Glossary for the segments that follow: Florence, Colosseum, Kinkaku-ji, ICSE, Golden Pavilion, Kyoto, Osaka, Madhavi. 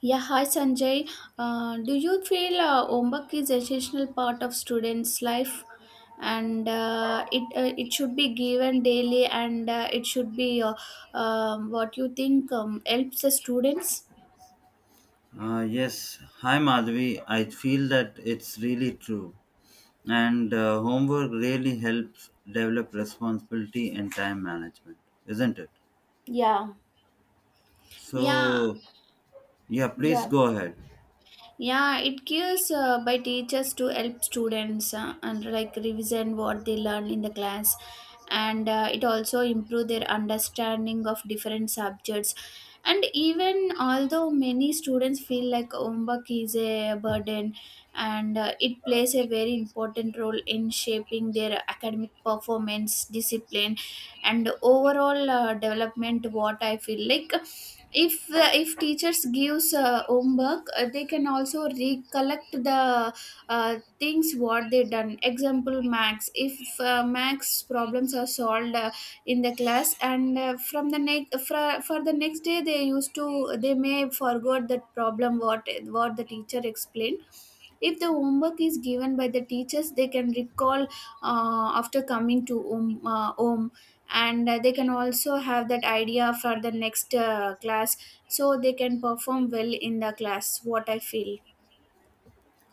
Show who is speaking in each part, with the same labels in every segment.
Speaker 1: Yeah, hi Sanjay. Do you feel homework is essential part of students' life, and it should be given daily, and it should be what you think helps the students?
Speaker 2: Yes, hi Madhavi. I feel that it's really true. And homework really helps develop responsibility and time management, isn't it?
Speaker 1: Yeah, yeah,
Speaker 2: So, yeah, please
Speaker 1: yeah.
Speaker 2: go ahead.
Speaker 1: Yeah, it gives by teachers to help students and like revision what they learn in the class, and it also improve their understanding of different subjects. And even although many students feel like homework is a burden, and it plays a very important role in shaping their academic performance, discipline, and overall development. What I feel like if teachers gives homework they can also recollect the things what they done example max if max problems are solved in the class and from the next for the next day they used to they may forgot that problem what the teacher explained if the homework is given by the teachers they can recall after coming to home and they can also have that idea for the next class so they can perform well in the class what I feel.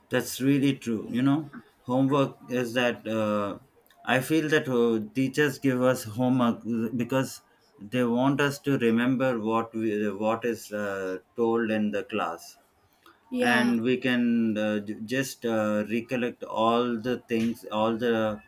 Speaker 2: That's really true. You know, homework is that I feel that teachers give us homework because they want us to remember what is told in the class, and we can just recollect all the things all the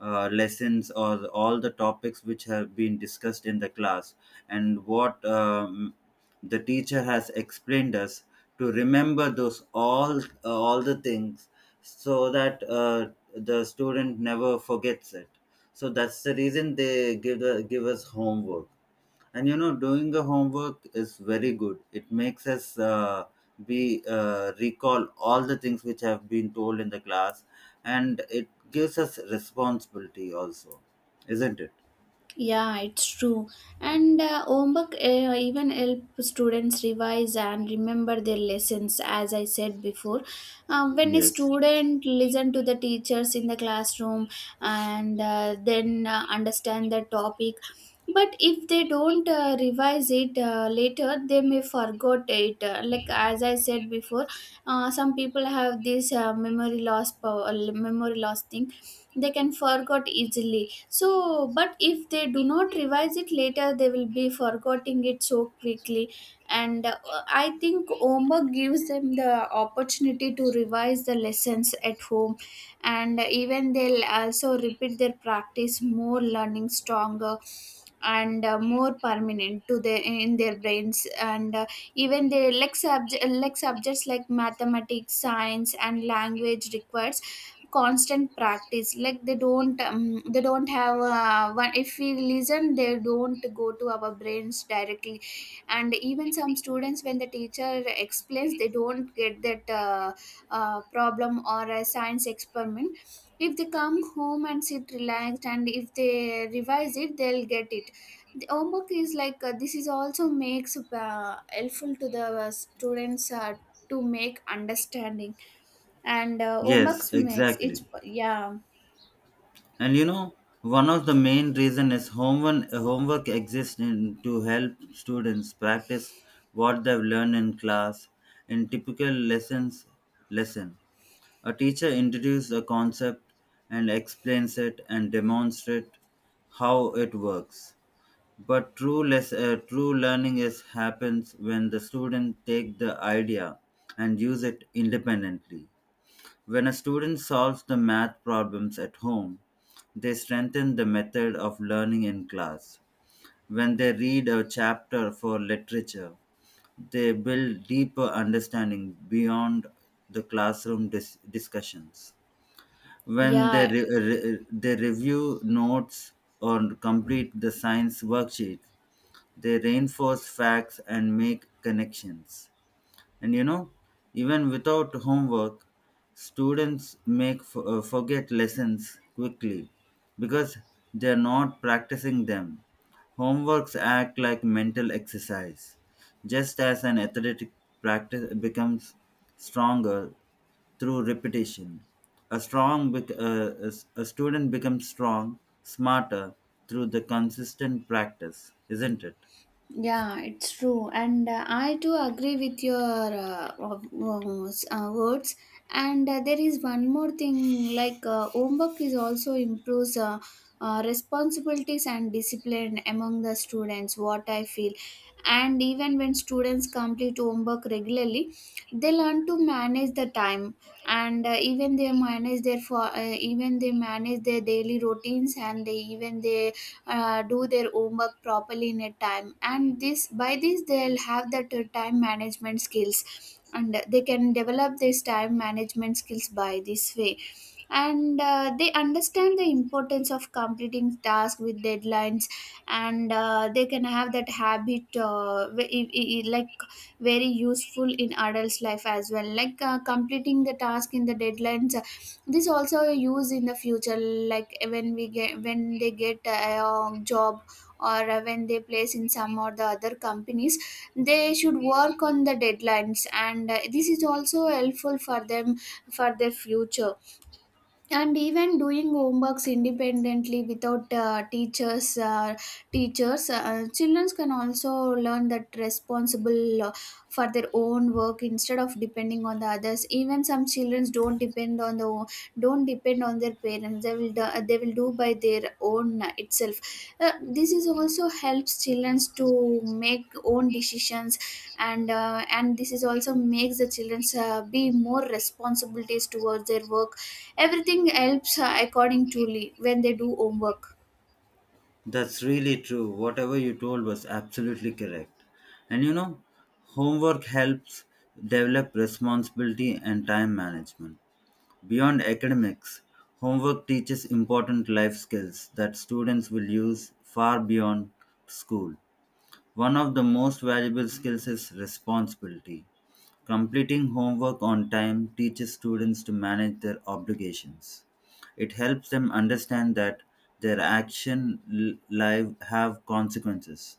Speaker 2: uh, lessons or all the topics which have been discussed in the class, and what the teacher has explained us to remember those all the things, so that the student never forgets it, so that's the reason give us homework. And you know, doing the homework is very good. It makes us be recall all the things which have been told in the class, and it gives us responsibility also, isn't it?
Speaker 1: Yeah, it's true. And homework even help students revise and remember their lessons. As I said before, when a
Speaker 2: Yes,
Speaker 1: student listen to the teachers in the classroom and then understand the topic, but if they don't revise it later, they may forget it. Like as I said before, some people have this memory loss power, memory loss thing. They can forget easily so but if they do not revise it later they will be forgetting it so quickly and I think homework gives them the opportunity to revise the lessons at home and even they'll also repeat their practice more learning stronger and more permanent to their in their brains and even their like, like subjects like mathematics science and language requires constant practice like they don't have one if we listen they don't go to our brains directly and even some students when the teacher explains they don't get that problem or a science experiment if they come home and sit relaxed and if they revise it they'll get it the homework is like this is also makes helpful to the students to make understanding and
Speaker 2: yes,
Speaker 1: omax makes it.
Speaker 2: exactly.
Speaker 1: Yeah,
Speaker 2: And you know, one of the main reason is homework exists to help students practice what they've learned in class, in typical lesson. A teacher introduces a concept and explains it and demonstrates how it works. But true learning is happens when the student take the idea and use it independently. When a student solves the math problems at home, they strengthen the method of learning in class. When they read a chapter for literature, they build deeper understanding beyond the classroom discussions. When
Speaker 1: yeah.
Speaker 2: they review notes or complete the science worksheet, they reinforce facts and make connections. And you know, even without homework, students forget lessons quickly because they are not practicing them. Homeworks act like mental exercise. Just as an athletic practice becomes stronger through repetition, a strong bec- a s- a student becomes strong, smarter through the consistent practice, isn't it?
Speaker 1: Yeah, it's true, and I too agree with your words. And there is one more thing, like homework is also improves responsibilities and discipline among the students. What I feel, and even when students complete homework regularly, they learn to manage the time, and even they manage their for even they manage their daily routines, and they do their homework properly in a time and this by this they'll have that time management skills and they can develop this time management skills by this way and they understand the importance of completing tasks with deadlines and they can have that habit like very useful in adults life as well like completing the task in the deadlines this also used in the future like when they get a job or when they place in some or the other companies they should work on the deadlines and this is also helpful for them for their future and even doing homeworks independently without teachers children can also learn that responsible for their own work instead of depending on the others even some children don't depend on their parents they will do by their own itself this is also helps children to make own decisions and this is also makes the children be more responsibilities towards their work. Everything helps according to Lee when they do homework.
Speaker 2: That's really true. Whatever you told was absolutely correct. And you know, homework helps develop responsibility and time management. Beyond academics, homework teaches important life skills that students will use far beyond school. One of the most valuable skills is responsibility. Completing homework on time teaches students to manage their obligations. It helps them understand that their live have consequences,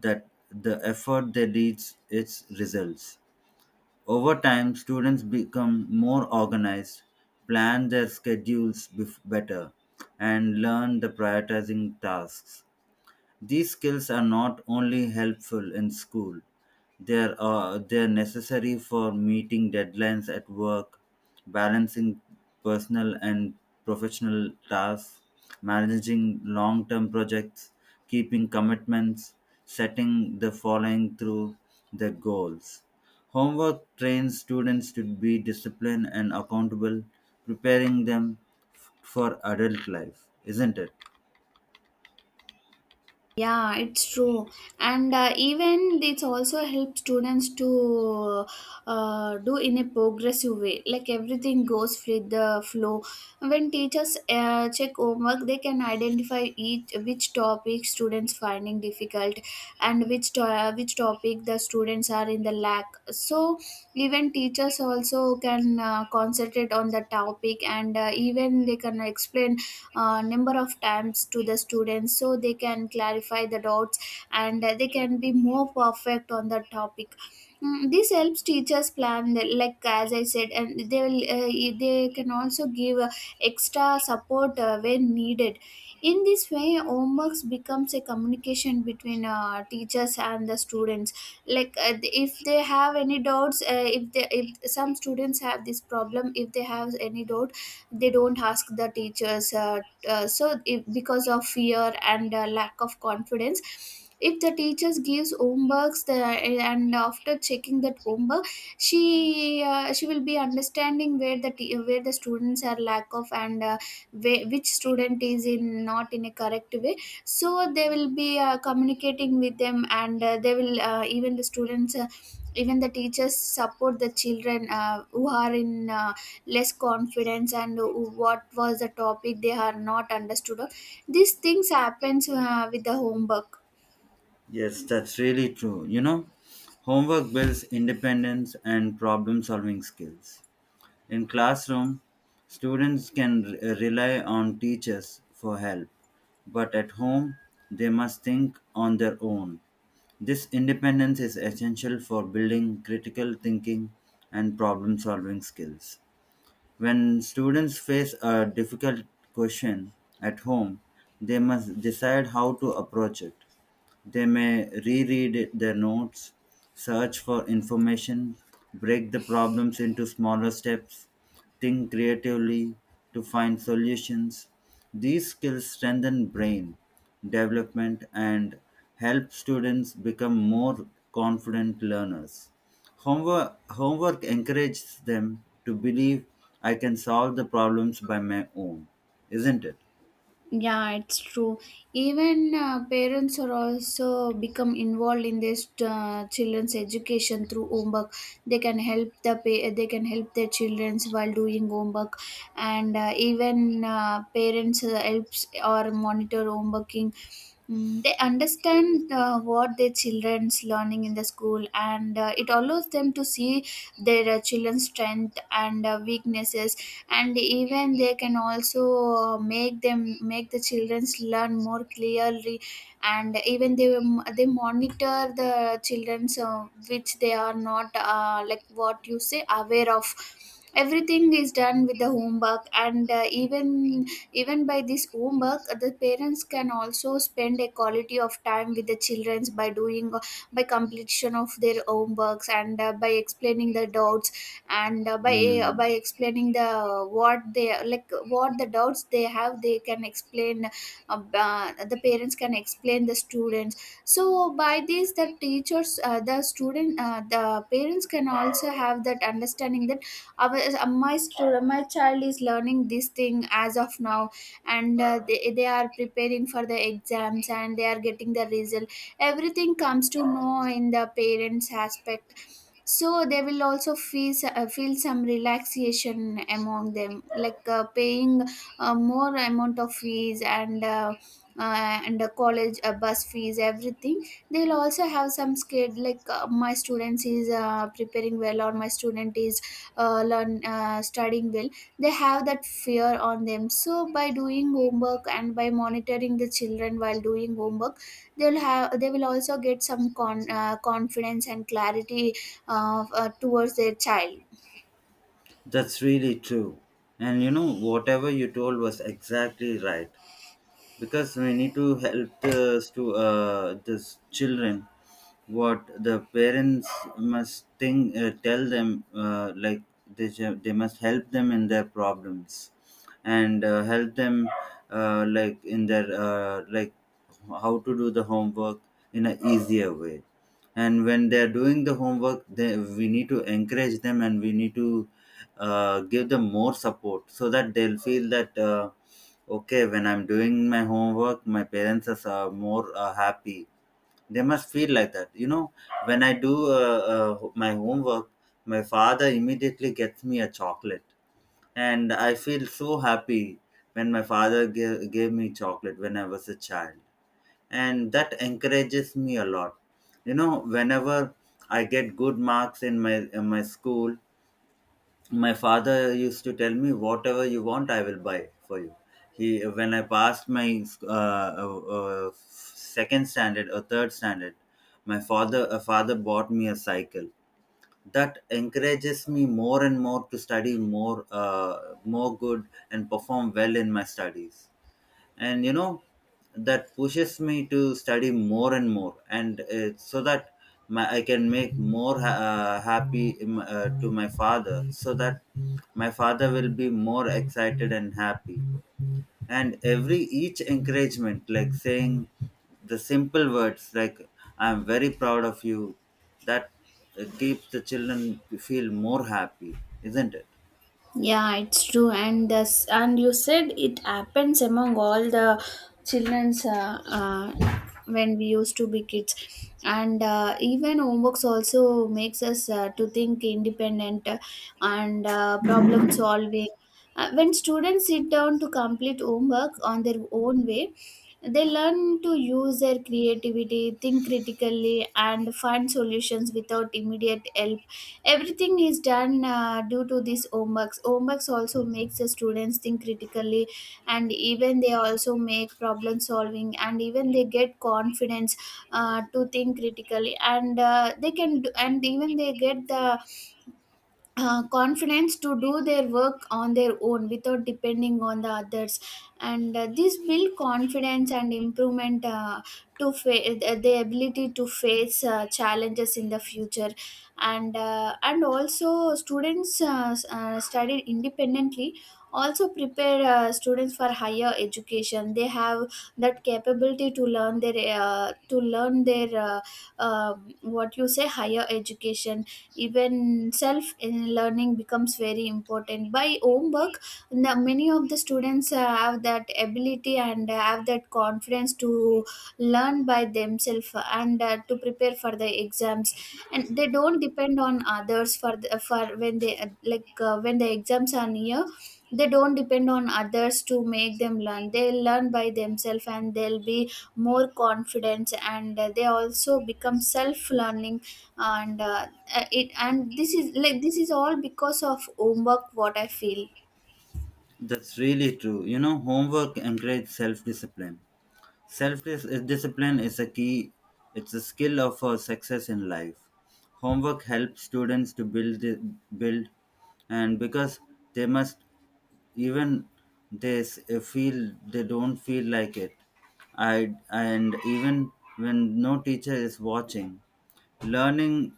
Speaker 2: that the effort they leads its results. Over time, students become more organized, plan their schedules better, and learn the prioritizing tasks. These skills are not only helpful in school, they are necessary for meeting deadlines at work, balancing personal and professional tasks, managing long term projects, keeping commitments, setting the following through their goals. Homework trains students to be disciplined and accountable, preparing them for adult life, isn't it?
Speaker 1: Yeah, it's true. And even it's also helped students to do in a progressive way. Like everything goes with the flow. When teachers check homework, they can identify each which topic students finding difficult and which topic the students are in the lack. So even teachers also can concentrate on the topic and even they can explain number of times to the students so they can clarify the dots and they can be more perfect on the topic. Mm, this helps teachers plan the- like as I said and they can also give extra support when needed in this way homeworks becomes a communication between teachers and the students like if they have any doubts if some students have this problem if they have any doubt they don't ask the teachers so if, because of fear and lack of confidence if the teachers gives homeworks the, and after checking that homework she will be understanding where the students are lack of and where, which student is in not in a correct way so they will be communicating with them and they will even the students even the teachers support the children who are in less confidence and what was the topic they are not understood of. These things happens with the homework.
Speaker 2: Yes, that's really true. You know, homework builds independence and problem solving skills. In classroom, students can rely on teachers for help, but at home, they must think on their own. This independence is essential for building critical thinking and problem solving skills. When students face a difficult question at home, they must decide how to approach it. They may reread their notes, search for information, break the problems into smaller steps, think creatively to find solutions. These skills strengthen brain development and help students become more confident learners. Homework encourages them to believe I can solve the problems by my own, isn't it?
Speaker 1: Yeah, it's true, even parents are also become involved in this children's education through homework they can help the pa- they can help their children while doing homework and even parents helps or monitor homeworking. Mm, they understand what their children's learning in the school and it allows them to see their children's strength and weaknesses and even they can also make them make the children's learn more clearly and even they monitor the children's which they are not like what you say aware of everything is done with the homework and even even by this homework, the parents can also spend a quality of time with the children by doing by completion of their homeworks and by explaining the doubts and
Speaker 2: Hmm.
Speaker 1: by explaining the what they like what the doubts they have they can explain the parents can explain the students so by this the teachers the student the parents can also have that understanding that our my student my child is learning this thing as of now and they are preparing for the exams and they are getting the result everything comes to know in the parents aspect so they will also feel feel some relaxation among them like paying more amount of fees and the college bus fees everything they'll also have some scared like my students is preparing well or my student is learn studying well they have that fear on them so by doing homework and by monitoring the children while doing homework they will also get some confidence and clarity towards their child.
Speaker 2: That's really true. And you know, whatever you told was exactly right, because we need to help the this children, what the parents must think, tell them, like they must help them in their problems, and help them, like in their, like how to do the homework in an easier way. And when they are doing the homework, we need to encourage them, and we need to give them more support, so that they'll feel that, okay, when I'm doing my homework, my parents are more happy. They must feel like that. You know, when I do my homework, my father immediately gets me a chocolate. And I feel so happy when my father gave me chocolate when I was a child. And that encourages me a lot. You know, whenever I get good marks in my school, my father used to tell me, whatever you want, I will buy for you. He When I passed my second standard or third standard, my father, a father bought me a cycle. That encourages me more and more to study more good and perform well in my studies. And you know, that pushes me to study more and more, and so that I can make more to my father, so that my father will be more excited and happy. And every each encouragement, like saying the simple words like, I'm very proud of you, that keeps the children feel more happy, isn't it?
Speaker 1: Yeah, it's true, and this, and you said it happens among all the childrens when we used to be kids, and even homeworks also makes us to think independent and problem solving. When students sit down to complete homework on their own way, they learn to use their creativity, think critically, and find solutions without immediate help. Everything is done due to these homeworks. Also makes the students think critically, and even they also make problem solving, and even they get confidence to think critically, and they can do, and even they get the confidence to do their work on their own without depending on the others. And this build confidence and improvement, the ability to face challenges in the future. And and also students studied independently also prepare students for higher education. They have that capability to learn their what you say higher education. Even self in learning becomes very important by homework. Many of the students have that ability and have that confidence to learn by themselves and to prepare for the exams, and they don't depend on others for for when they when the exams are near, they don't depend on others to make them learn. They learn by themselves and they'll be more confident, and they also become self learning. And it, and this is like, this is all because of homework, what I feel.
Speaker 2: That's really true. You know, homework encourages self discipline. Self discipline is a key, it's a skill of for success in life. Homework helps students to build, and because they must, even they don't feel like it. I And even when no teacher is watching, learning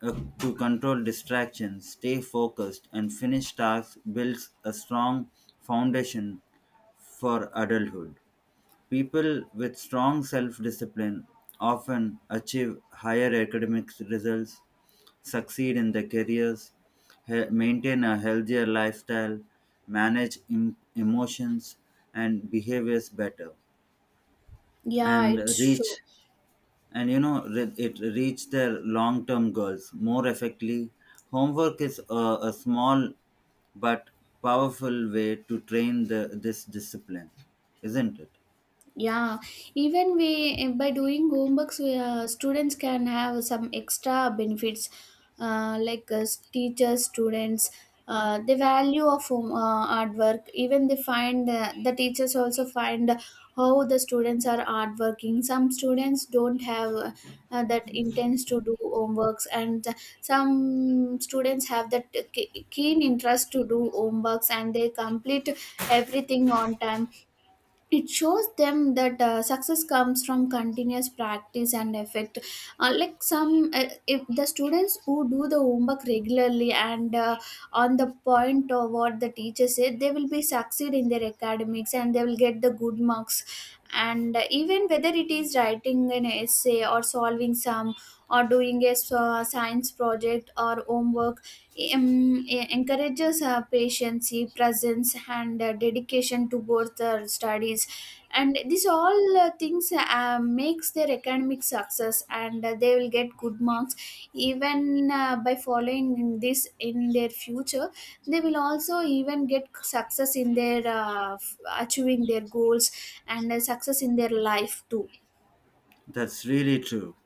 Speaker 2: uh, to control distractions, stay focused, and finish tasks builds a strong foundation for adulthood. People with strong self discipline often achieve higher academic results, succeed in their careers, maintain a healthier lifestyle, manage emotions and behaviors better,
Speaker 1: Yeah,
Speaker 2: and
Speaker 1: it's true.
Speaker 2: reach and you know re- it reach their long term goals more effectively. Homework is a small but powerful way to train this discipline, isn't it?
Speaker 1: Yeah, even we by doing homeworks, students can have some extra benefits, uh, like uh, teachers, students. The value of hard work. Even they find the teachers also find how the students are hard working. Some students don't have that intends to do homeworks, and some students have that keen interest to do homeworks, and they complete everything on time. It shows them that success comes from continuous practice and effort. Like some if the students who do the homework regularly, and on the point of what the teacher said, they will be succeed in their academics and they will get the good marks. And even whether it is writing an essay or solving some, or doing a science project or homework, encourages patience, presence, and dedication to both their studies. And these all things makes their academic success, and they will get good marks. Even by following this in their future, they will also even get success in their achieving their goals, and success in their life too.
Speaker 2: That's really true.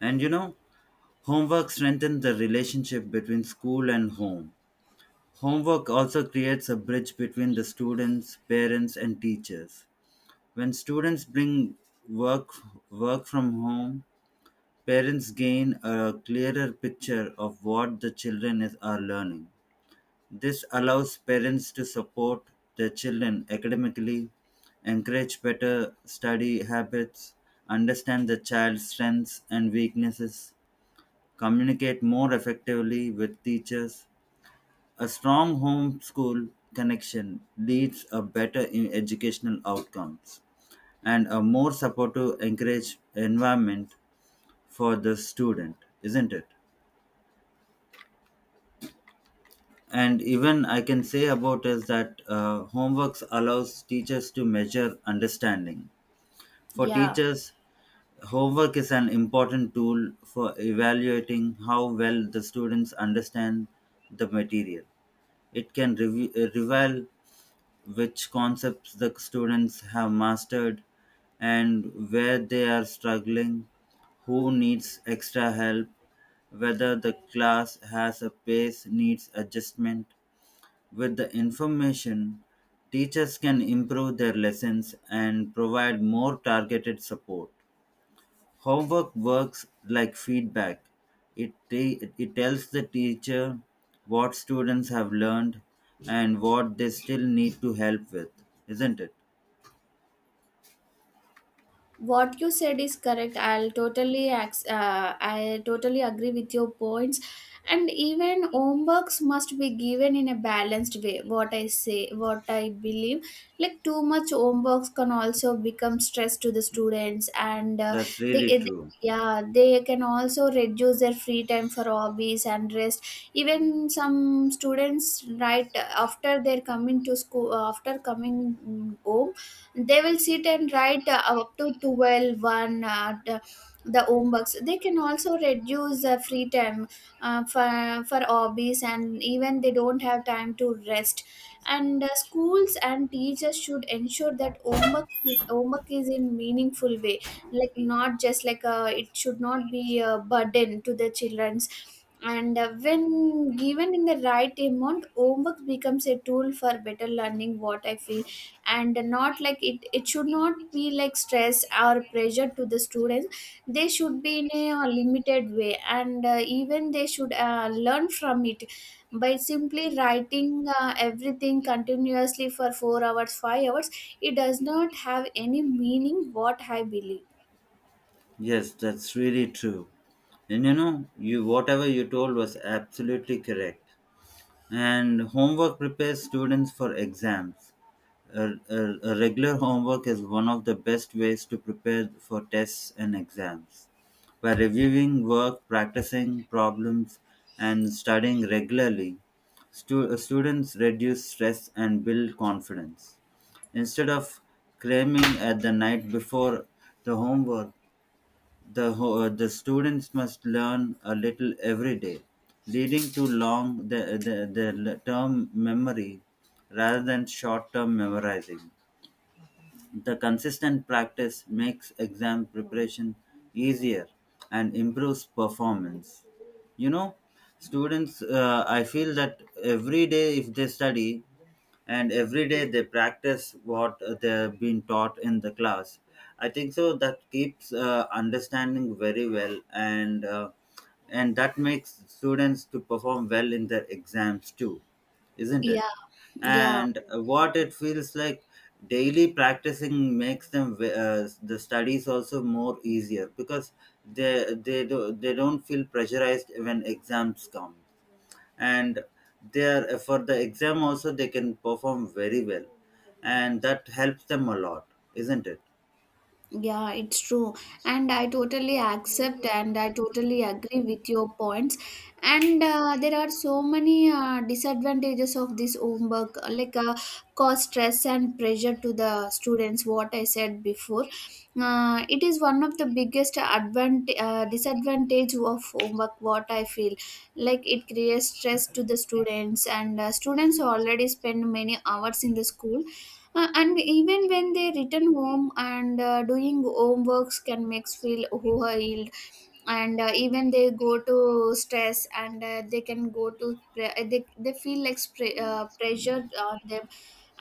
Speaker 2: And you know, homework strengthens the relationship between school and home. Homework also creates a bridge between the students, parents, and teachers. When students bring work work from home, parents gain a clearer picture of what the are learning. This allows parents to support their children academically, encourage better study habits, understand the child's strengths and weaknesses, communicate more effectively with teachers. A strong homeschool connection leads a better in educational outcomes and a more supportive, encourage environment for the student, isn't it? And even I can say about is that, homeworks allows teachers to measure understanding. For
Speaker 1: Yeah.
Speaker 2: teachers, homework is an important tool for evaluating how well the students understand the material. It can reveal which concepts the students have mastered and where they are struggling, who needs extra help, whether the class has a pace needs adjustment. With the information, teachers can improve their lessons and provide more targeted support. Homework works like feedback. It tells the teacher what students have learned and what they still need to help with, isn't it?
Speaker 1: What you said is correct. I totally agree with your points. And even homeworks must be given in a balanced way, what I say, what I believe. Like, too much homeworks can also become stress to the students, and
Speaker 2: That's really
Speaker 1: they
Speaker 2: true.
Speaker 1: yeah, they can also reduce their free time for hobbies and rest. Even some students right after they're coming to school, after coming home, they will sit and write up to 12-1 the homeworks. They can also reduce free time for hobbies, and even they don't have time to rest. And schools and teachers should ensure that homework is in meaningful way, like not just like it should not be a burden to the children. And when given in the right amount, homework becomes a tool for better learning, what I feel. And not like it should not be like stress or pressure to the students. They should be in a limited way, and even they should learn from it, by simply writing everything continuously for 4 hours, 5 hours. It does not have any meaning, what I believe.
Speaker 2: Yes, that's really true. And you know, you whatever you told was absolutely correct. And homework prepares students for exams. A regular homework is one of the best ways to prepare for tests and exams. By reviewing work, practicing problems, and studying regularly, students reduce stress and build confidence. Instead of cramming at the night before the homework, the students must learn a little every day, leading to long the term memory rather than short term memorizing. The consistent practice makes exam preparation easier and improves performance. You know, I feel that every day if they study, and every day they practice what they've been taught in the class, I think so that keeps understanding very well, and that makes students to perform well in their exams too, isn't
Speaker 1: Yeah,
Speaker 2: it?
Speaker 1: yeah.
Speaker 2: And what it feels like, daily practicing makes them, the studies also more easier, because they don't feel pressurized when exams come, and they are for the exam also they can perform very well, and that helps them a lot, isn't it?
Speaker 1: Yeah, it's true. And I totally accept, and I totally agree with your points. And there are so many disadvantages of this homework, cause stress and pressure to the students, what I said before. It is one of the biggest disadvantage of homework, what I feel. Like, it creates stress to the students, and students already spend many hours in the school, and even when they return home, and doing homeworks can make feel overwhelmed, and even they go to stress, and they can go to pre- they feel like pressure on them.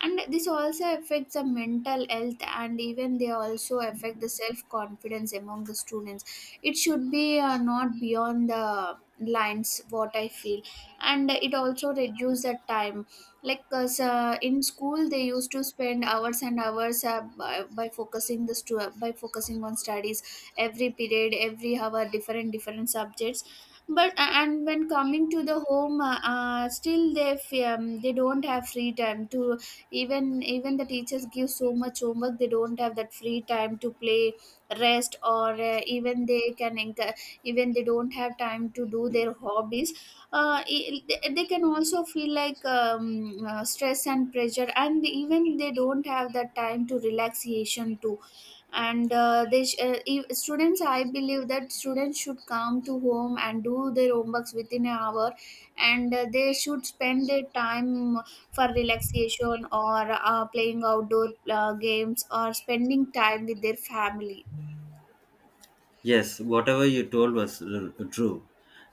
Speaker 1: And this also affects the mental health, and even they also affect the self confidence among the students. It should be not beyond the lines, what I feel. And it also reduce the time, like, cause, in school they used to spend hours and hours by focusing by focusing on studies, every period, every hour, different different subjects. But, and when coming to the home, they don't have free time to, even the teachers give so much homework, they don't have that free time to play, rest, or even they can even they don't have time to do their hobbies. They can also feel like stress and pressure, and even they don't have that time to relaxation too. And they sh- if, students, I believe that students should come to home and do their homeworks within an hour, and they should spend their time for relaxation, or playing outdoor games, or spending time with their family.
Speaker 2: Yes, whatever you told was true.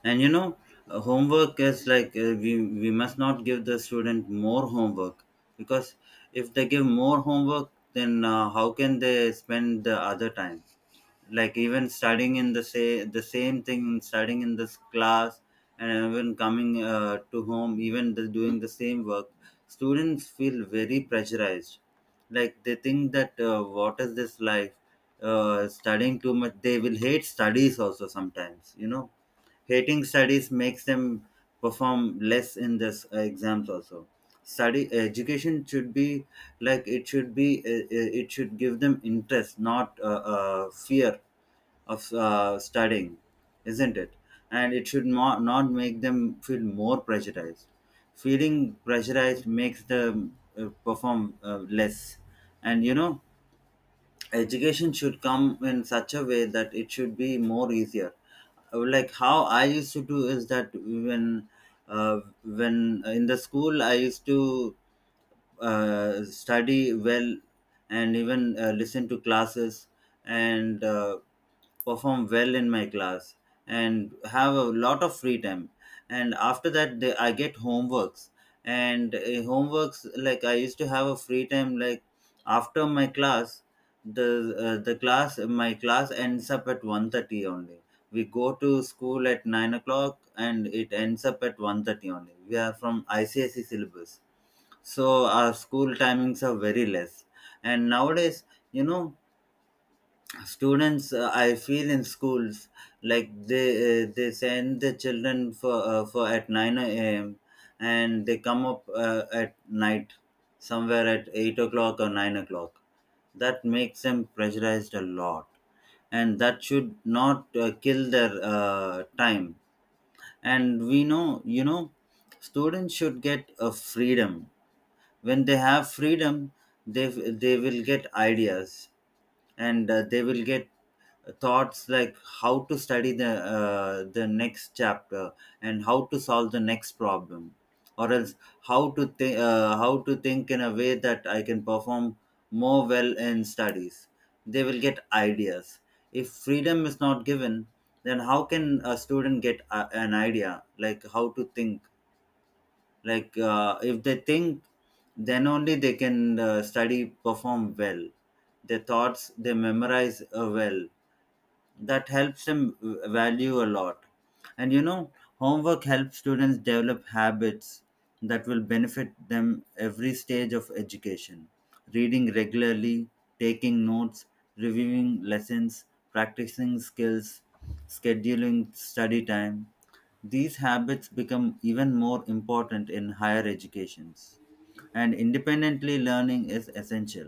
Speaker 2: And you know, homework is like, we must not give the student more homework, because if they give more homework, then how can they spend the other time? Like even studying in the say the same thing, studying in this class, and even coming to home, even doing the same work, students feel very pressurized. Like they think that, what is this life, studying too much, they will hate studies also sometimes. Hating studies makes them perform less in the exams also. Study education should be, like it should be, it should give them interest, not fear of studying, isn't it? And it should not make them feel more pressurized. Feeling pressurized makes them perform less. And you know, education should come in such a way that it should be more easier, like how I used to do is that, when in the school I used to study well, and even listen to classes, and perform well in my class, and have a lot of free time, and after that, I get homeworks, and homeworks, like I used to have a free time like after my class, the the class my class ends up at 1:30 only. We go to school at 9 o'clock, and it ends up at 1:30 only. We are from ICSE syllabus, so our school timings are very less. And nowadays, you know, students I feel in schools, like they send the children for at 9 a.m., and they come up, at night somewhere at 8 o'clock or 9 o'clock. That makes them pressurized a lot, and that should not kill their time. And we know, you know, students should get a freedom. When they have freedom, they they will get ideas, and they will get thoughts like how to study the next chapter, and how to solve the next problem, or else how to think, in a way that I can perform more well in studies. They will get ideas. If freedom is not given, then how can a student get an idea, like how to think. Like if they think, then only they can study, perform well. Their thoughts, they memorize well, that helps them value a lot. And you know, homework helps students develop habits that will benefit them every stage of education: reading regularly, taking notes, reviewing lessons, practicing skills, scheduling study time. These habits become even more important in higher educations, and independently learning is essential.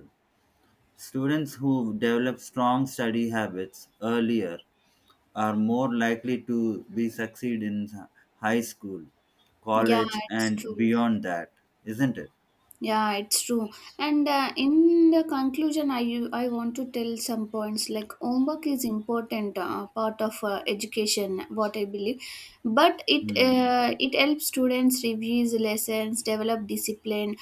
Speaker 2: Students who develop strong study habits earlier are more likely to be succeed in high school,
Speaker 1: Yeah,
Speaker 2: college,
Speaker 1: it's
Speaker 2: and
Speaker 1: true.
Speaker 2: beyond that, isn't it?
Speaker 1: Yeah, it's true. And in the conclusion, I want to tell some points. Like, homework is important part of education, what I believe, but
Speaker 2: Hmm.
Speaker 1: it helps students review lessons, develop discipline,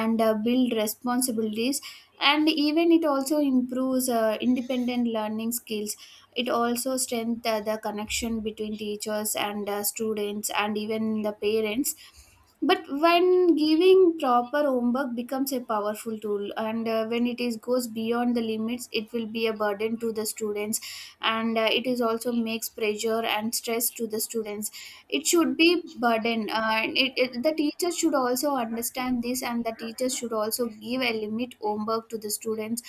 Speaker 1: and build responsibilities. And even it also improves independent learning skills. It also strengthens the connection between teachers and students, and even the parents. But when giving proper homework, becomes a powerful tool, and when it is goes beyond the limits, it will be a burden to the students. And it is also makes pressure and stress to the students. It should be burden, and the teacher should also understand this, and the teacher should also give a limit homework to the students.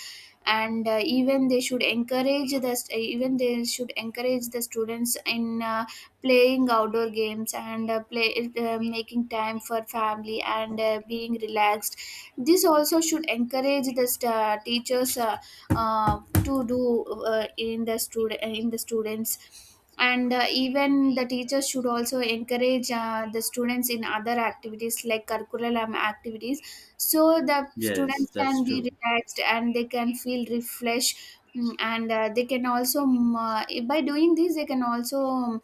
Speaker 1: And even they should encourage the students in playing outdoor games, and play making time for family, and being relaxed. This also should encourage teachers to do in the students. And even the teachers should also encourage the students in other activities, like curriculum activities, so the
Speaker 2: Yes,
Speaker 1: students
Speaker 2: that's
Speaker 1: can be
Speaker 2: true.
Speaker 1: relaxed and they can feel refreshed. And they can also by doing this they can also mm,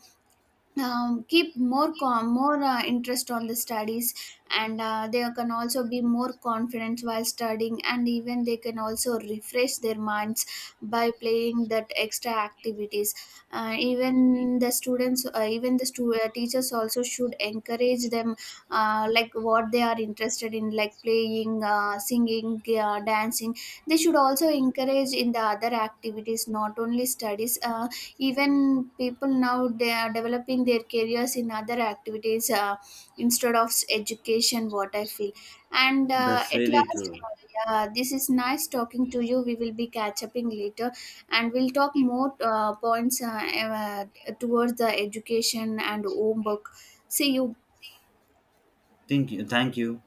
Speaker 1: um, keep more more interest on the studies, and they can also be more confident while studying, and even they can also refresh their minds by playing that extra activities. Uh, even the students even the stu- Teachers also should encourage them like what they are interested in, like playing, singing, dancing. They should also encourage in the other activities, not only studies. Even people now, they are developing their careers in other activities, instead of education, what I feel. And uh,
Speaker 2: That's
Speaker 1: at
Speaker 2: really
Speaker 1: last
Speaker 2: true.
Speaker 1: uh, yeah, this is nice talking to you. We will be catch upping later, and we'll talk more points towards the education and homework. See you.
Speaker 2: Thank you. Thank you.